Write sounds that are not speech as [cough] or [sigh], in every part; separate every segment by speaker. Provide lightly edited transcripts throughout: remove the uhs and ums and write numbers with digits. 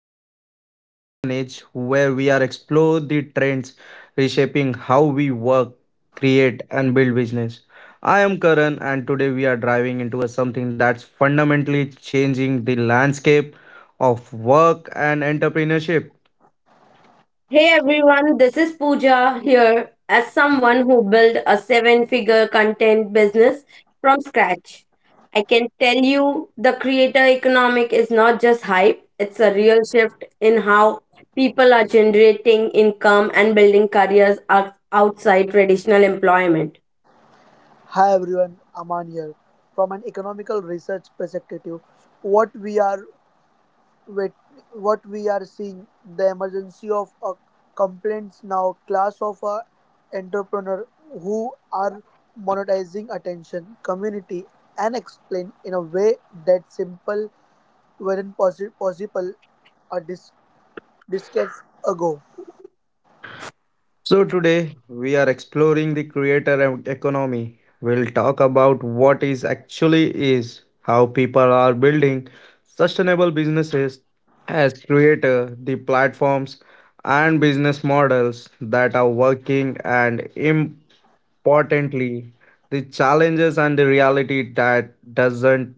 Speaker 1: welcome to the innovation age where we are explore the trends reshaping how we work, create and build business. I am Karan and today we are driving into a something that's fundamentally changing the landscape of work and entrepreneurship.
Speaker 2: Hey everyone, this is Pooja here as someone who built a seven figure content business from scratch. I can tell you the creator economic is not just hype, it's a real shift in how people are generating income and building careers outside traditional employment.
Speaker 3: Hi everyone, Aman here. From an economical research perspective, what we are seeing the emergency of a complaints now class of a entrepreneur who are monetizing attention, community, and explain in a way that simple, wherein possible, a dis- decades ago.
Speaker 1: So, today we are exploring the economy. We'll talk about what is actually is, how people are building sustainable businesses as creator, the platforms and business models that are working and importantly the challenges and the reality that doesn't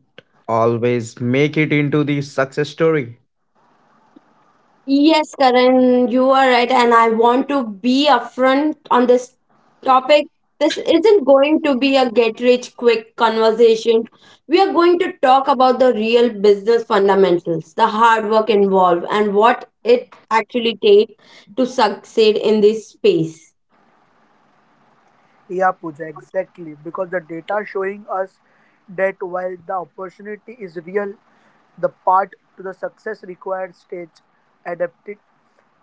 Speaker 1: always make it into the success story.
Speaker 2: Yes, Karan, you are right, and I want to be upfront on this topic. This isn't going to be a get rich quick conversation. We are going to talk about the real business fundamentals, the hard work involved, and what it actually takes to succeed in this space.
Speaker 3: Yeah, Pooja, exactly. Because the data showing us that while the opportunity is real, the part to the success required stage adapted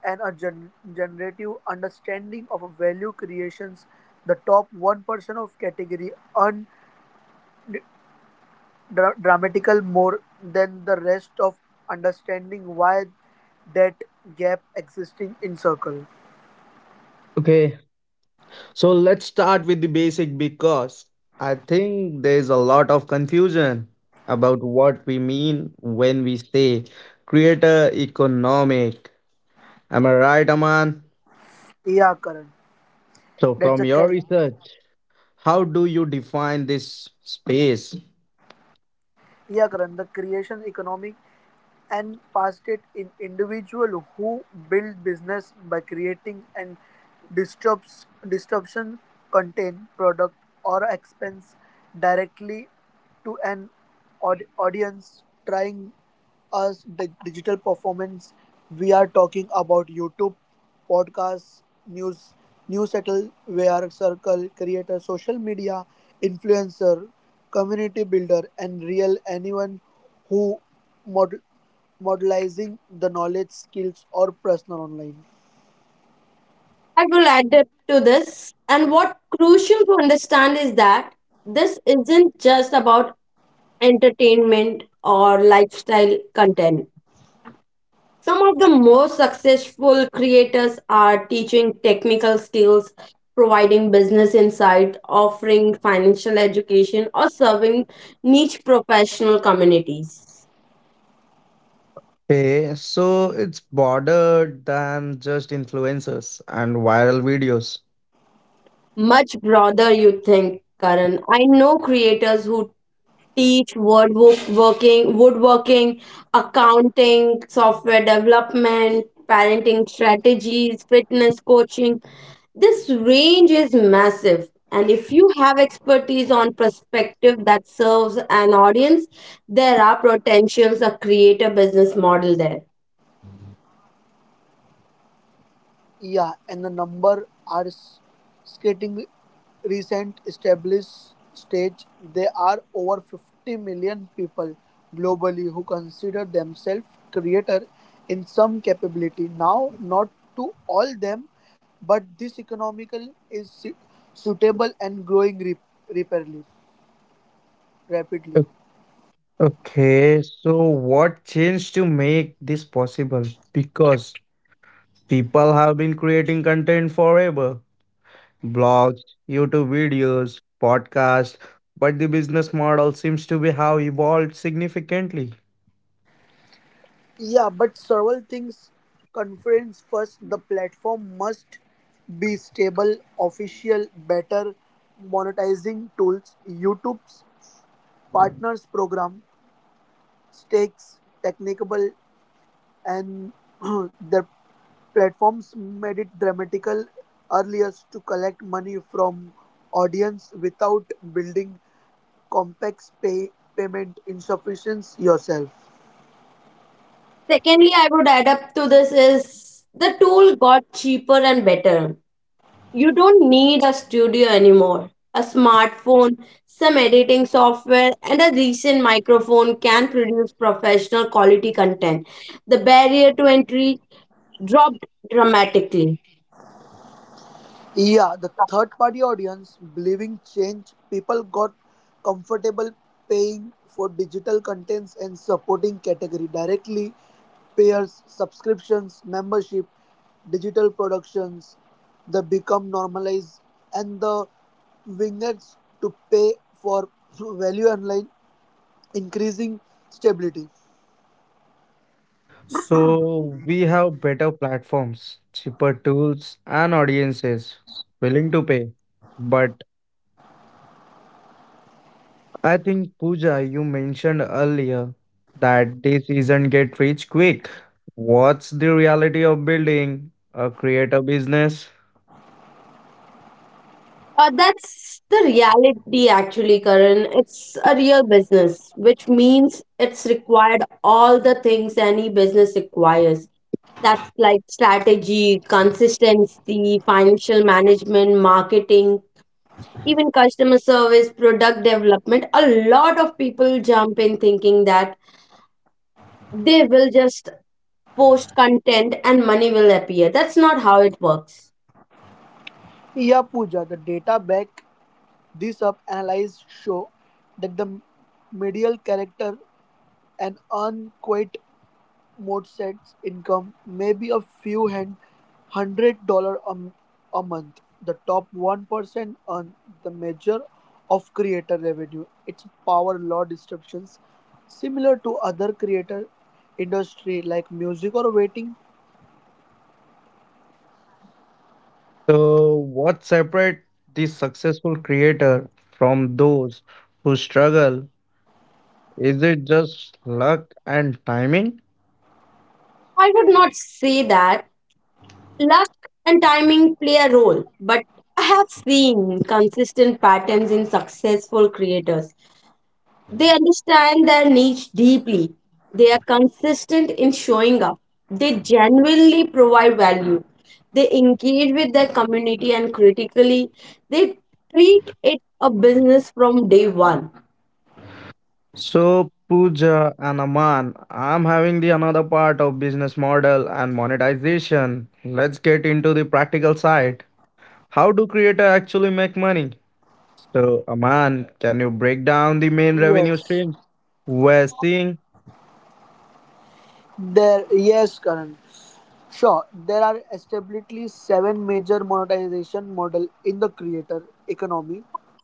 Speaker 3: and a generative understanding of a value creations. The top 1% of category earn dramatical more than the rest of understanding why that gap existing in circle.
Speaker 1: Okay. So let's start with the basic because I think there's a lot of confusion about what we mean when we say creator economic. Am I right, Aman?
Speaker 3: Yeah, Karan.
Speaker 1: So,
Speaker 3: That's
Speaker 1: from
Speaker 3: a
Speaker 1: your
Speaker 3: cat.
Speaker 1: research, how do you define this space?
Speaker 3: Yeah, Karan, the creation economy and past it in individual who build business by creating and disrupts disruption contain product or expense directly to an audience trying us the digital performance we are talking about YouTube, podcasts, news, newsletter, where circle creator, social media influencer, community builder, and real anyone who mod- modelizing the knowledge, skills, or personal online.
Speaker 2: I will add to this. And what crucial to understand is that this isn't just about entertainment or lifestyle content. Some of the most successful creators are teaching technical skills, providing business insight, offering financial education, or serving niche professional communities.
Speaker 1: Okay, so it's broader than just influencers and viral videos.
Speaker 2: Much broader, you think, Karan. I know creators who teach woodworking, accounting, software development, parenting strategies, fitness coaching. This range is massive. And if you have expertise on perspective that serves an audience, there are potentials to create a business model there.
Speaker 3: Yeah, and the number are skating recent established stage. There are over 50 million people globally who consider themselves creator in some capability. Now, not to all them, but this economical is suitable and growing rapidly. Rapidly.
Speaker 1: O- Okay, so what changed to make this possible? Because people have been creating content forever, blogs, YouTube videos, podcasts, but the business model seems to be have evolved significantly.
Speaker 3: Yeah, but several things conference first the platform must be stable, official, better monetizing tools, YouTube's partners program, stakes, technical and [clears throat] the platforms made it dramatical earliest to collect money from audience without building complex payment insufficiency yourself.
Speaker 2: Secondly, I would add up to this is the tool got cheaper and better. You don't need a studio anymore. A smartphone, some editing software, and a decent microphone can produce professional quality content. The barrier to entry dropped dramatically.
Speaker 3: Yeah, the third party audience believing change, people got comfortable paying for digital contents and supporting category directly, pairs, subscriptions, membership, digital productions, they become normalized and the wingets to pay for value online, increasing stability.
Speaker 1: So we have better platforms, cheaper tools, and audiences willing to pay. But I think Pooja, you mentioned earlier that this isn't get rich quick. What's the reality of building a creator business?
Speaker 2: That's the reality, actually, Karan. It's a real business, which means it's required all the things any business requires. That's like strategy, consistency, financial management, marketing, even customer service, product development. A lot of people jump in thinking that they will just post content and money will appear. That's not how it works.
Speaker 3: Yeah, Pooja, the data back this up analyze show that the medial character an unquiet Motset's income may be a few hand $100 a month. The top 1% earn the measure of creator revenue. Its power law descriptions similar to other creator industry like music or waiting.
Speaker 1: So, what separates the successful creator from those who struggle? Is it just luck and timing?
Speaker 2: I would not say that. Luck and timing play a role, but I have seen consistent patterns in successful creators. They understand their niche deeply. They are consistent in showing up. They genuinely provide value. They engage with their community and critically. They treat it a business from day one.
Speaker 1: So, Pooja and Aman, I'm having the another part of business model and monetization. Let's get into the practical side. How do creator actually make money? So, Aman, can you break down the main revenue
Speaker 3: Yes.
Speaker 1: streams we're seeing?
Speaker 3: Yes, Karan. Sure, there are established seven major monetization model in the creator economy.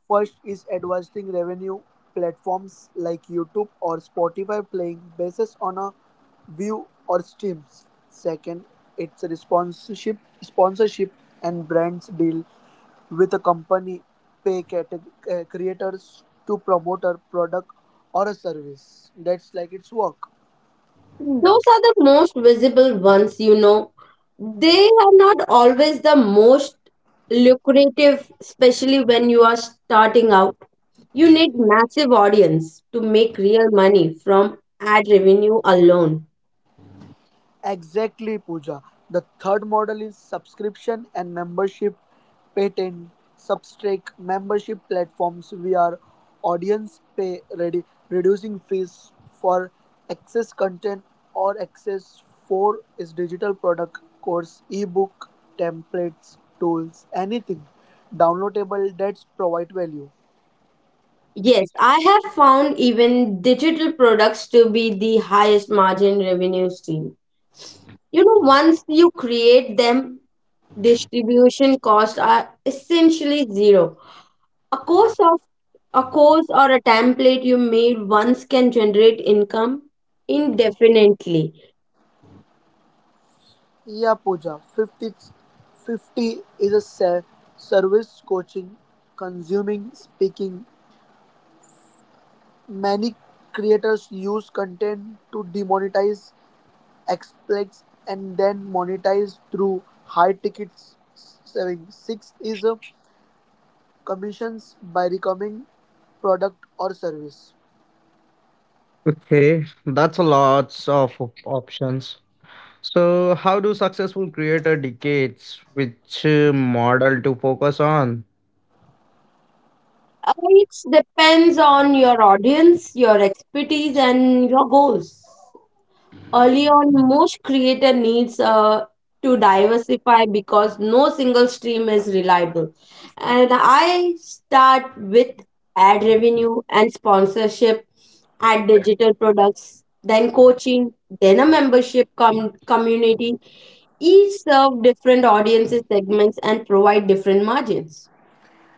Speaker 3: First is advertising revenue platforms like YouTube or Spotify playing basis on a view or streams. Second, it's a sponsorship and brands deal with a company pay creators to promote a product or a service. That's like its work.
Speaker 2: Those are the most visible ones, you know. They are not always the most lucrative, especially when you are starting out. You need massive audience to make real money from ad revenue alone.
Speaker 3: Exactly, Pooja. The third model is subscription and membership patent Substack membership platforms where audience pay ready, reducing fees for access content or access for its digital product course, ebook, templates, tools, anything downloadable that provide value.
Speaker 2: Yes, I have found even digital products to be the highest margin revenue stream. You know, once you create them, distribution costs are essentially zero. A course of a course or a template you made once can generate income indefinitely.
Speaker 3: Yeah, Pooja. 50, fifty is a service coaching, consuming, speaking, many creators use content to demonetize exploits and then monetize through high ticket selling. Sixth is commissions by recommending product or service.
Speaker 1: Okay, that's a lots of options. So, how do successful creator decades which model to focus on?
Speaker 2: It depends on your audience, your expertise, and your goals. Early on, most creator needs to diversify because no single stream is reliable. And I start with ad revenue and sponsorship, ad digital products, then coaching, then a membership community. Each serve different audiences segments and provide different margins.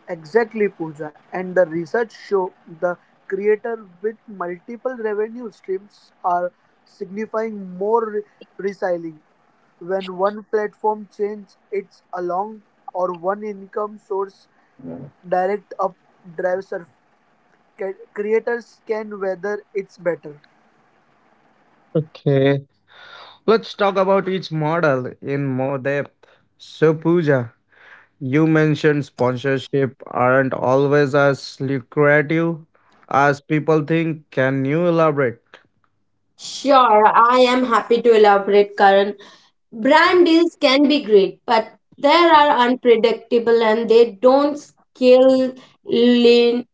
Speaker 3: Exactly, Pooja. And the research show the creator with multiple revenue streams are signifying more reselling. When one platform changes its along or one income source direct up drives or creators can whether it's better.
Speaker 1: Okay. Let's talk about each model in more depth. So, Pooja, you mentioned sponsorship aren't always as lucrative as people think. Can you elaborate?
Speaker 2: Sure, I am happy to elaborate, Karan. Brand deals can be great, but they are unpredictable and they don't scale lean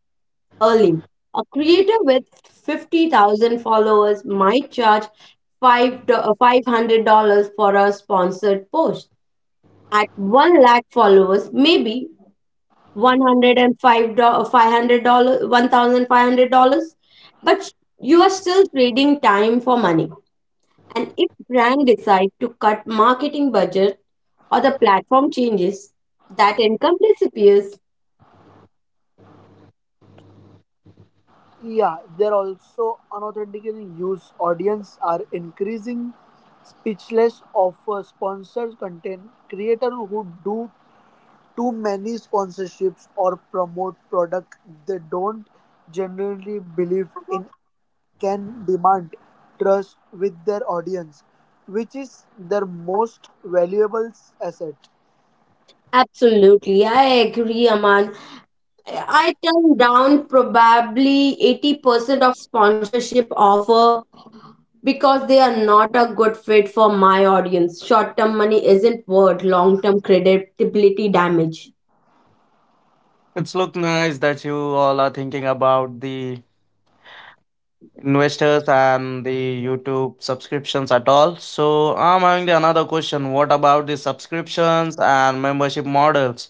Speaker 2: early. A creator with 50,000 followers might charge $500 for a sponsored post. At 1 lakh followers, maybe $105, $500, $1,500, but you are still trading time for money. And if brand decide to cut marketing budget or the platform changes, that income disappears.
Speaker 3: Yeah, they're also unauthenticated use audience are increasing speechless of sponsored content creator who do too many sponsorships or promote product they don't genuinely believe in can demand trust with their audience, which is their most valuable asset.
Speaker 2: Absolutely, I agree, Aman. I turn down probably 80% of sponsorship offer because they are not a good fit for my audience. Short term money isn't worth long term credibility damage.
Speaker 1: It's look nice that you all are thinking about the investors and the YouTube subscriptions at all. So I'm having the another question. What about the subscriptions and membership models?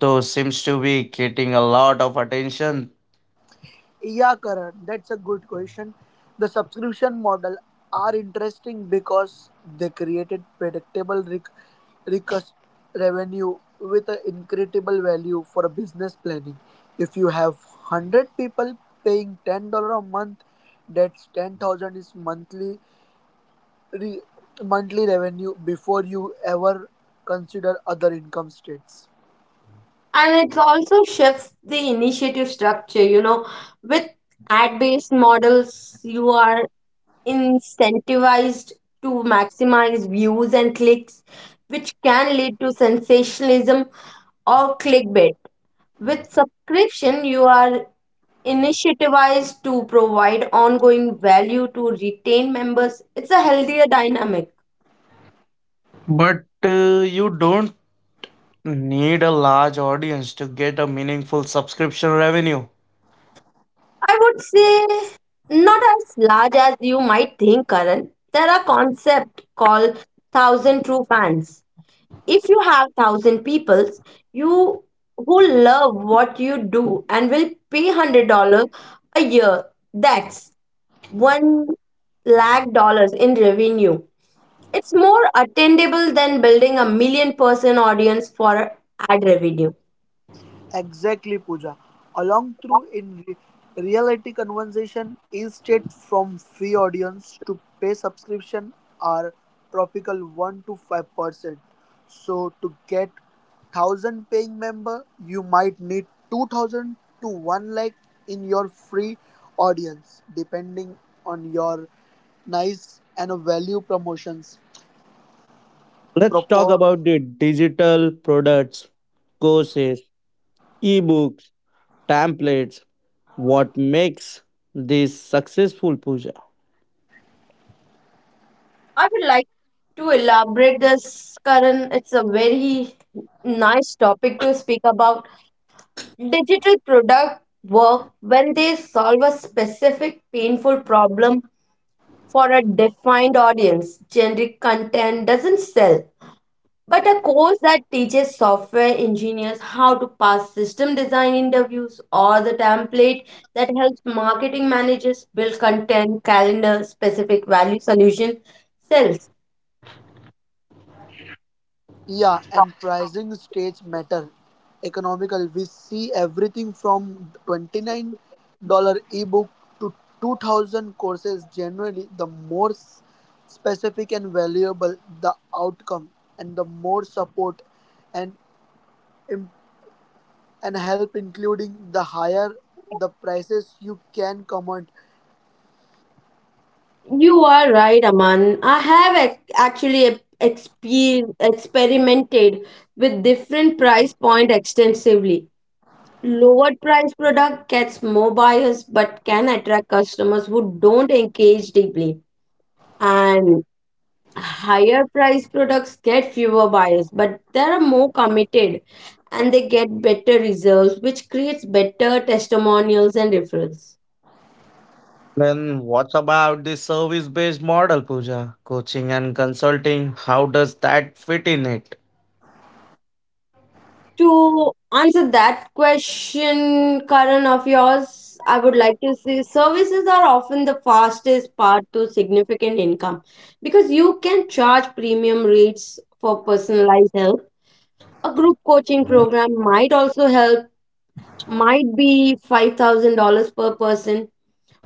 Speaker 1: Those seems to be getting a lot of attention,
Speaker 3: Yeah, Karan, that's a good question. The subscription model are interesting because they created predictable recurrent revenue with an incredible value for business planning. If you have 100 people paying $10 a month, that's 10,000 is monthly re- monthly revenue before you ever consider other income states.
Speaker 2: And it also shifts the initiative structure, you know, with ad based models, you are incentivized to maximize views and clicks, which can lead to sensationalism or clickbait. With subscription, you are incentivized to provide ongoing value to retain members. It's a healthier dynamic.
Speaker 1: but you don't need a large audience to get a meaningful subscription revenue.
Speaker 2: I would say not as large as you might think, Karan. There are concept called thousand true fans. If you have 1,000 people you who love what you do and will pay $100 a year, that's 1 lakh dollars in revenue. It's more attainable than building a million person audience for ad revenue.
Speaker 3: Exactly, Pooja. Along through in reality conversation, instead from free audience to pay subscription are tropical 1 to 5%. So to get 1,000 paying member, you might need 2,000 to 1 lakh in your free audience, depending on your nice and value promotions.
Speaker 1: Let's talk about the digital products, courses, ebooks, templates. What makes this successful push?
Speaker 2: I would like to elaborate this, Karan. It's a very nice topic to speak about. Digital product work when they solve a specific painful problem for a defined audience. Generic content doesn't sell. But a course that teaches software engineers how to pass system design interviews, or the template that helps marketing managers build content, calendar, specific value solution, sells.
Speaker 3: Yeah, and pricing states matter. Economical, we see everything from $29 ebook to 2000 courses. Generally, the more specific and valuable the outcome, and the more support and im- help, including the higher the prices you can command.
Speaker 2: You are right, Aman. I have actually experimented with different price point extensively. Lower price product gets more buyers but can attract customers who don't engage deeply. And higher price products get fewer buyers but they are more committed and they get better results, which creates better testimonials and referrals.
Speaker 1: Then what about the service-based model, Pooja? Coaching and consulting, how does that fit in it?
Speaker 2: To answer that question, Karan, of yours, I would like to say services are often the fastest path to significant income because you can charge premium rates for personalized help. A group coaching program might also help, might be $5,000 per person.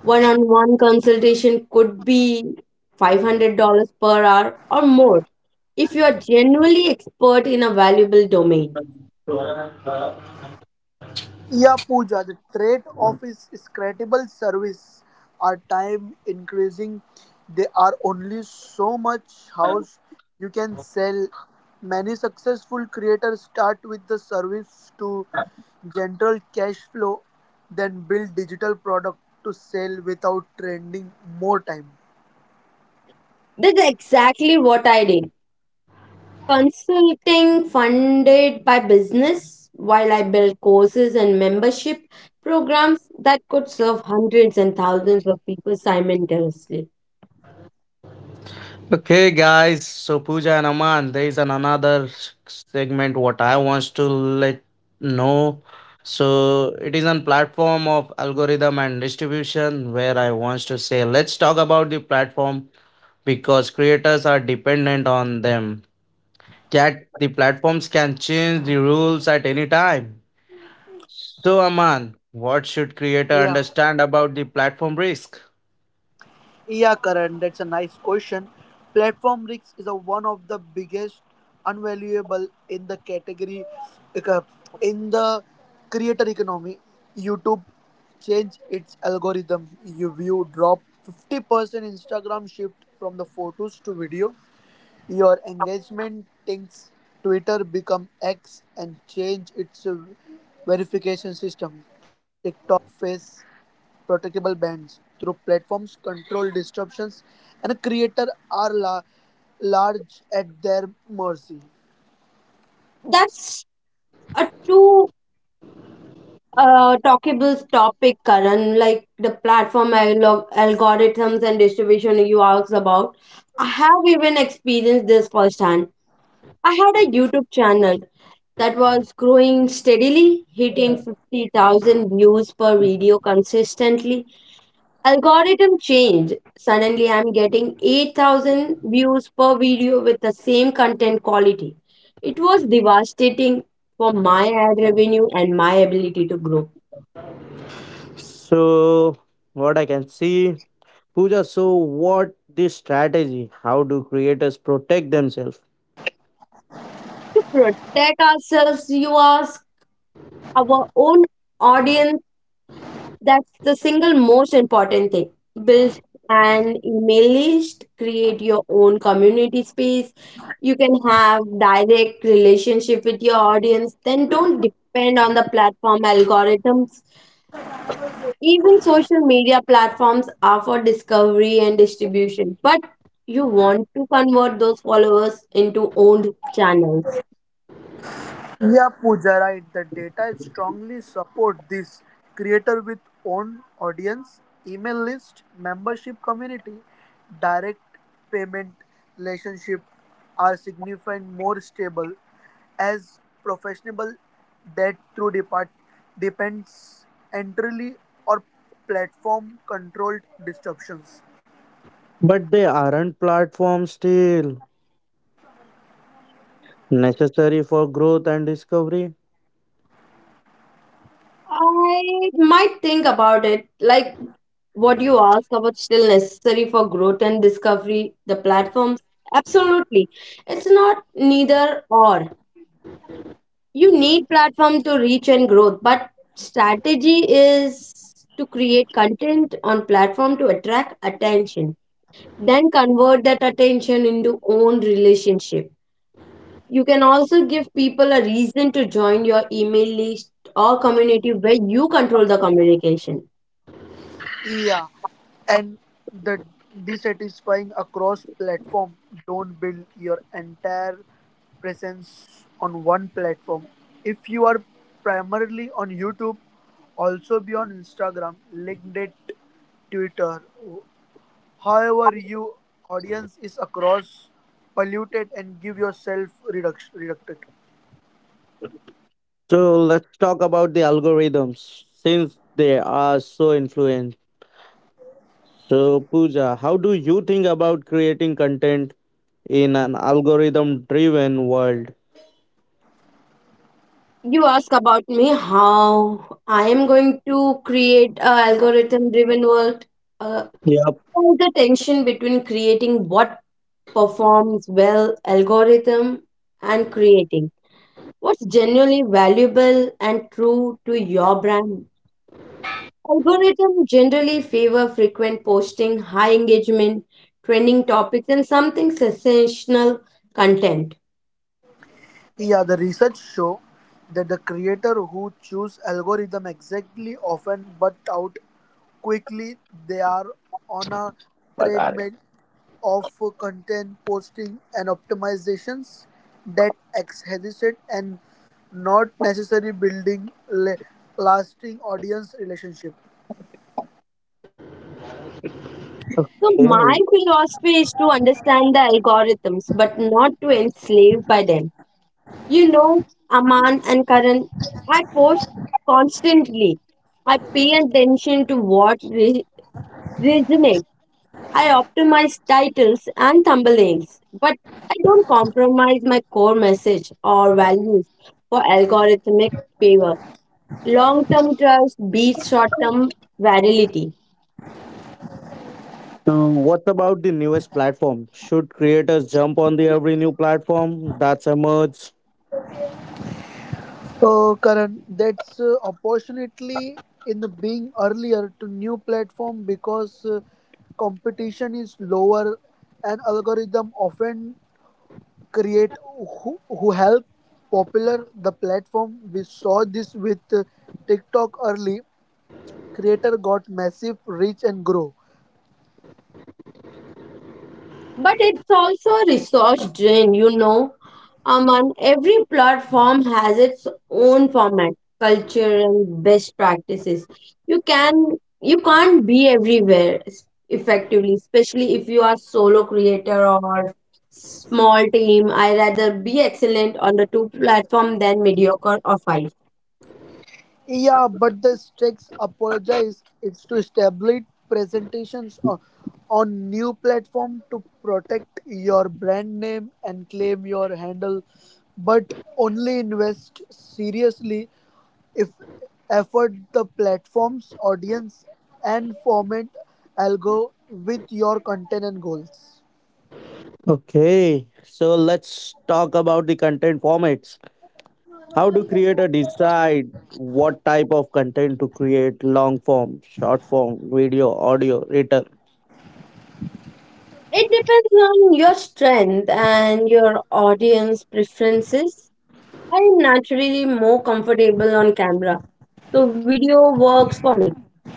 Speaker 2: One on one consultation could be $500 per hour or more if you are genuinely expert in a valuable domain.
Speaker 3: Yeah, Pooja, the trade of his incredible service are time increasing. There are only so much house you can sell. Many successful creators start with the service to general cash flow, then build digital product to sell without trending more time.
Speaker 2: That's exactly what I did. Consulting funded by business while I build courses and membership programs that could serve hundreds and thousands of people simultaneously.
Speaker 1: Okay, guys. So Pooja and Aman, there is an another segment what I wants to let know. So it is on platform of algorithm and distribution where I wants to say let's talk about the platform because creators are dependent on them. Yet the platforms can change the rules at any time. So, Aman, what should creator
Speaker 3: Yeah.
Speaker 1: understand about the platform risk?
Speaker 3: Yeah, Karan, that's a nice question. Platform risk is one of the biggest unvaluable in the category. Like uh, in the creator economy. YouTube changed its algorithm. You view drop 50%. Instagram shift from the photos to video. Your engagement thinks Twitter become X and change its verification system. TikTok face protectable bands through platforms, control disruptions, and creators are large at their mercy.
Speaker 2: That's a too talkable topic, Karan. Like the platform algorithms and distribution you asked about, I have even experienced this firsthand. I had a YouTube channel that was growing steadily, hitting 50,000 views per video consistently. Algorithm change. Suddenly, I'm getting 8,000 views per video with the same content quality. It was devastating for my ad revenue and my ability to grow.
Speaker 1: So, what I can see, Pooja, so what this strategy? How do creators protect themselves?
Speaker 2: To protect ourselves, you ask our own audience. That's the single most important thing. Build an email list, create your own community space. You can have direct relationship with your audience. Then don't depend on the platform algorithms.
Speaker 4: Yeah,
Speaker 2: Even social media platforms are for discovery and distribution, but you want to convert those followers into owned channels.
Speaker 4: Pooja, right. The data strongly support this. Creator with own audience, email list, membership community, direct payment relationship are significant more stable as professional debt through depart depends entirely or platform controlled disruptions.
Speaker 1: But they aren't platforms still necessary for growth and discovery.
Speaker 2: I might think about it. Like what you ask about still necessary for growth and discovery, the platforms. Absolutely. It's not neither or. You need platform to reach and growth, but strategy is to create content on platform to attract attention, then convert that attention into own relationship. You can also give people a reason to join your email list or community where you control the communication.
Speaker 4: Yeah, and the dissatisfying across platform. Don't build your entire presence on one platform. If you are primarily on YouTube, also be on Instagram, LinkedIn, Twitter. However, your audience is across polluted and give yourself reduction reducted.
Speaker 1: So, let's talk about the algorithms since they are so influential. So, Pooja, how do you think about creating content in an algorithm driven world?
Speaker 2: You ask about me, how I am going to create a algorithm driven world. uh,
Speaker 1: Yep.
Speaker 2: all the tension between creating what performs well algorithm and creating what's genuinely valuable and true to your brand. Algorithm generally favor frequent posting, high engagement, trending topics, and something sensational content.
Speaker 4: Yeah, the research show that the creator who choose algorithm exactly often but out quickly, they are on a treadmill of content posting and optimizations that exhausted and not necessarily building lasting audience relationship.
Speaker 2: So my
Speaker 1: Hey.
Speaker 2: philosophy is to understand the algorithms, but not to enslave by them. You know, Aman and Karan, I post constantly. I pay attention to what resonates. I optimize titles and thumbnails, but I don't compromise my core message or values for algorithmic favor. Long-term trust beats short-term virality.
Speaker 1: What about the newest platform? Should creators jump on the every new platform that's emerged?
Speaker 4: Karan, that's opportunity in the being earlier to new platform because competition is lower and algorithm often create who help popular the platform. We saw this with TikTok early. Creator got massive reach and grow.
Speaker 2: But it's also a resource drain, you know. Aman, every platform has its own format, culture, and best practices. You can you can't be everywhere effectively, especially if you are solo creator or small team. I rather be excellent on the two platform than mediocre or five.
Speaker 4: Yeah, but the stakes apologize. It's to establish presentations o- on new platform to protect your brand name and claim your handle, but only invest seriously if effort the platform's audience and format algo with your content and goals.
Speaker 1: Okay, so let's talk about the content formats. How do creators decide what type of content to create? Long form, short form, video, audio, written.
Speaker 2: It depends on your strength and your audience preferences. I'm naturally more comfortable on camera, so video works for me.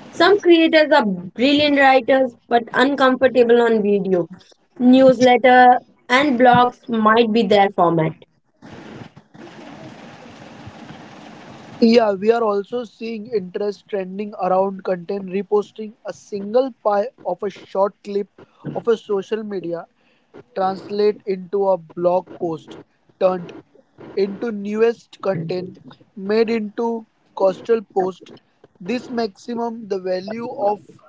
Speaker 2: Some creators are brilliant writers but uncomfortable on video. Newsletter and blogs might be their format.
Speaker 4: Yeah, we are also seeing interest trending around content reposting a single pie of a short clip of a social media translate into a blog post turned into newest content made into coastal post this maximum the value of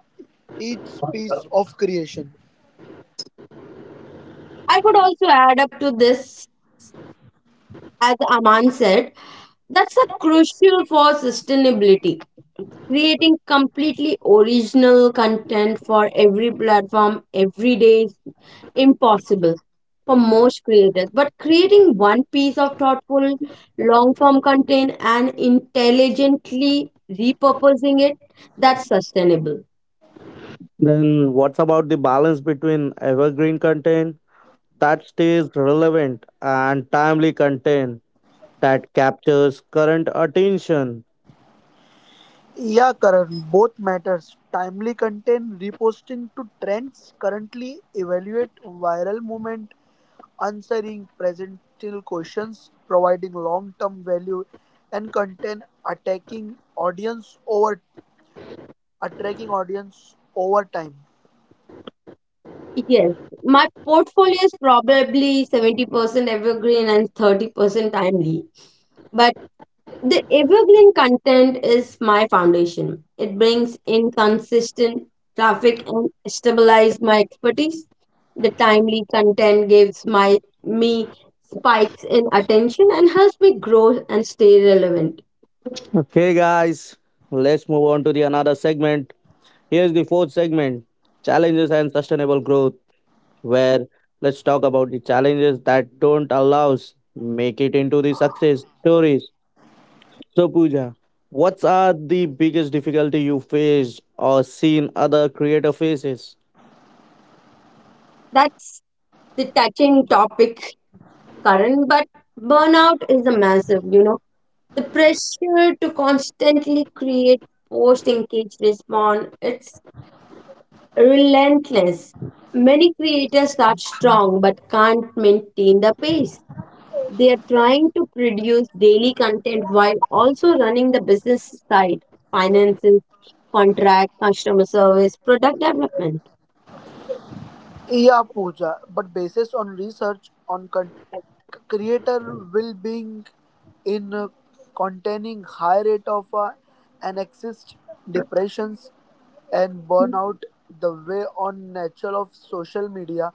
Speaker 4: each piece of creation.
Speaker 2: I could also add up to this, as Aman said, that's a crucial for sustainability. Creating completely original content for every platform every day is impossible for most creators, but creating one piece of thoughtful long form content and intelligently repurposing it, that's sustainable.
Speaker 1: Then what's about the balance between evergreen content that stays relevant and timely content that captures current attention?
Speaker 4: Yeah, Karan, both matters. Timely content reposting to trends currently evaluate viral movement, answering presential questions, providing long-term value and content attacking audience over attracting audience over time.
Speaker 2: Yes, my portfolio is probably 70% evergreen and 30% timely. But the evergreen content is my foundation. It brings in consistent traffic and stabilizes my expertise. The timely content gives my me spikes in attention and helps me grow and stay relevant.
Speaker 1: Okay, guys, let's move on to the another segment. Here's the fourth segment challenges and sustainable growth, where let's talk about the challenges that don't allow us make it into the success stories. So, Pooja, what are the biggest difficulty you faced or seen other creator faces?
Speaker 2: That's the touching topic current, but burnout is a massive, you know. The pressure to constantly create, post, engage, respond, it's relentless. Many creators start strong but can't maintain the pace. They are trying to produce daily content while also running the business side, finances, contract, customer service, product development.
Speaker 4: Yeah, Pooja, but basis on research on creator will being in containing high rate of an exist depressions, and burnout. The way on nature of social media,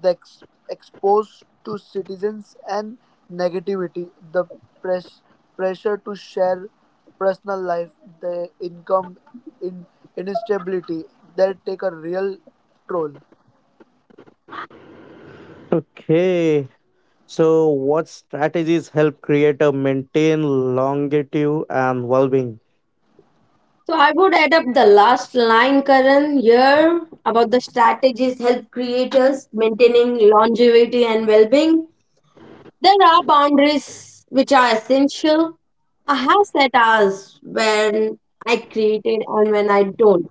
Speaker 4: the exposed to citizens and negativity, the press pressure to share personal life, the income in instability, that take a real toll.
Speaker 1: Okay, so what strategies help creator maintain longevity and well-being?
Speaker 2: So I would add up the last line, Karan, here about the strategies help creators maintaining longevity and well-being. There are boundaries which are essential. I have set hours when I created and when I don't.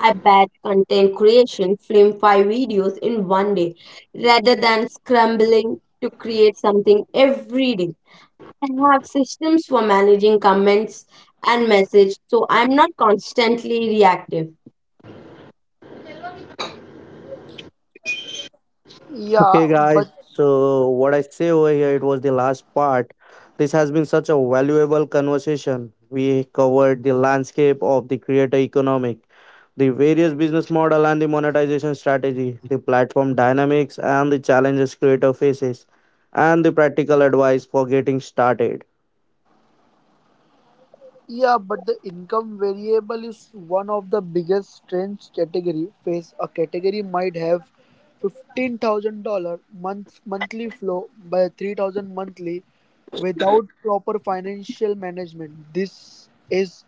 Speaker 2: I batch content creation, film five videos in one day rather than scrambling to create something every day. I have systems for managing comments and message so I'm not constantly reactive.
Speaker 1: Okay,
Speaker 4: Yeah,
Speaker 1: guys.
Speaker 4: but
Speaker 1: So what I say over here, it was the last part. This has been such a valuable conversation. We covered the landscape of the creator economic, the various business model and the monetization strategy, the platform dynamics and the challenges creator faces, and the practical advice for getting started.
Speaker 4: yeah, but the income variable is one of the biggest strange category face. A category might have $15,000 monthly flow by 3,000 monthly without proper financial management. This is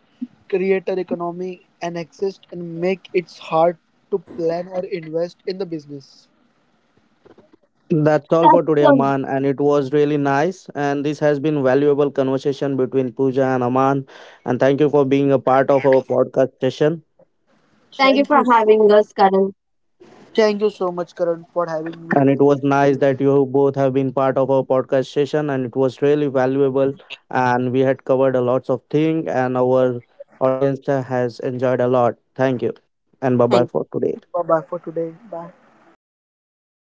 Speaker 4: creator economy and exist and make it hard to plan or invest in the business.
Speaker 1: That's all for today,
Speaker 2: That's um,
Speaker 1: Aman, and it was really nice. And this has been valuable conversation between Pooja and Aman. And thank you for being a part of our podcast session.
Speaker 2: Thank you
Speaker 4: Thank
Speaker 2: for
Speaker 4: you so
Speaker 2: having us, Karan.
Speaker 4: Thank you so much, Karan, for having me.
Speaker 1: And it was nice that you both have been part of our podcast session, and it was really valuable. And we had covered a lots of thing, and our audience has enjoyed a lot. Thank you, and bye bye
Speaker 2: Thank
Speaker 1: for today.
Speaker 4: Bye bye for today. Bye.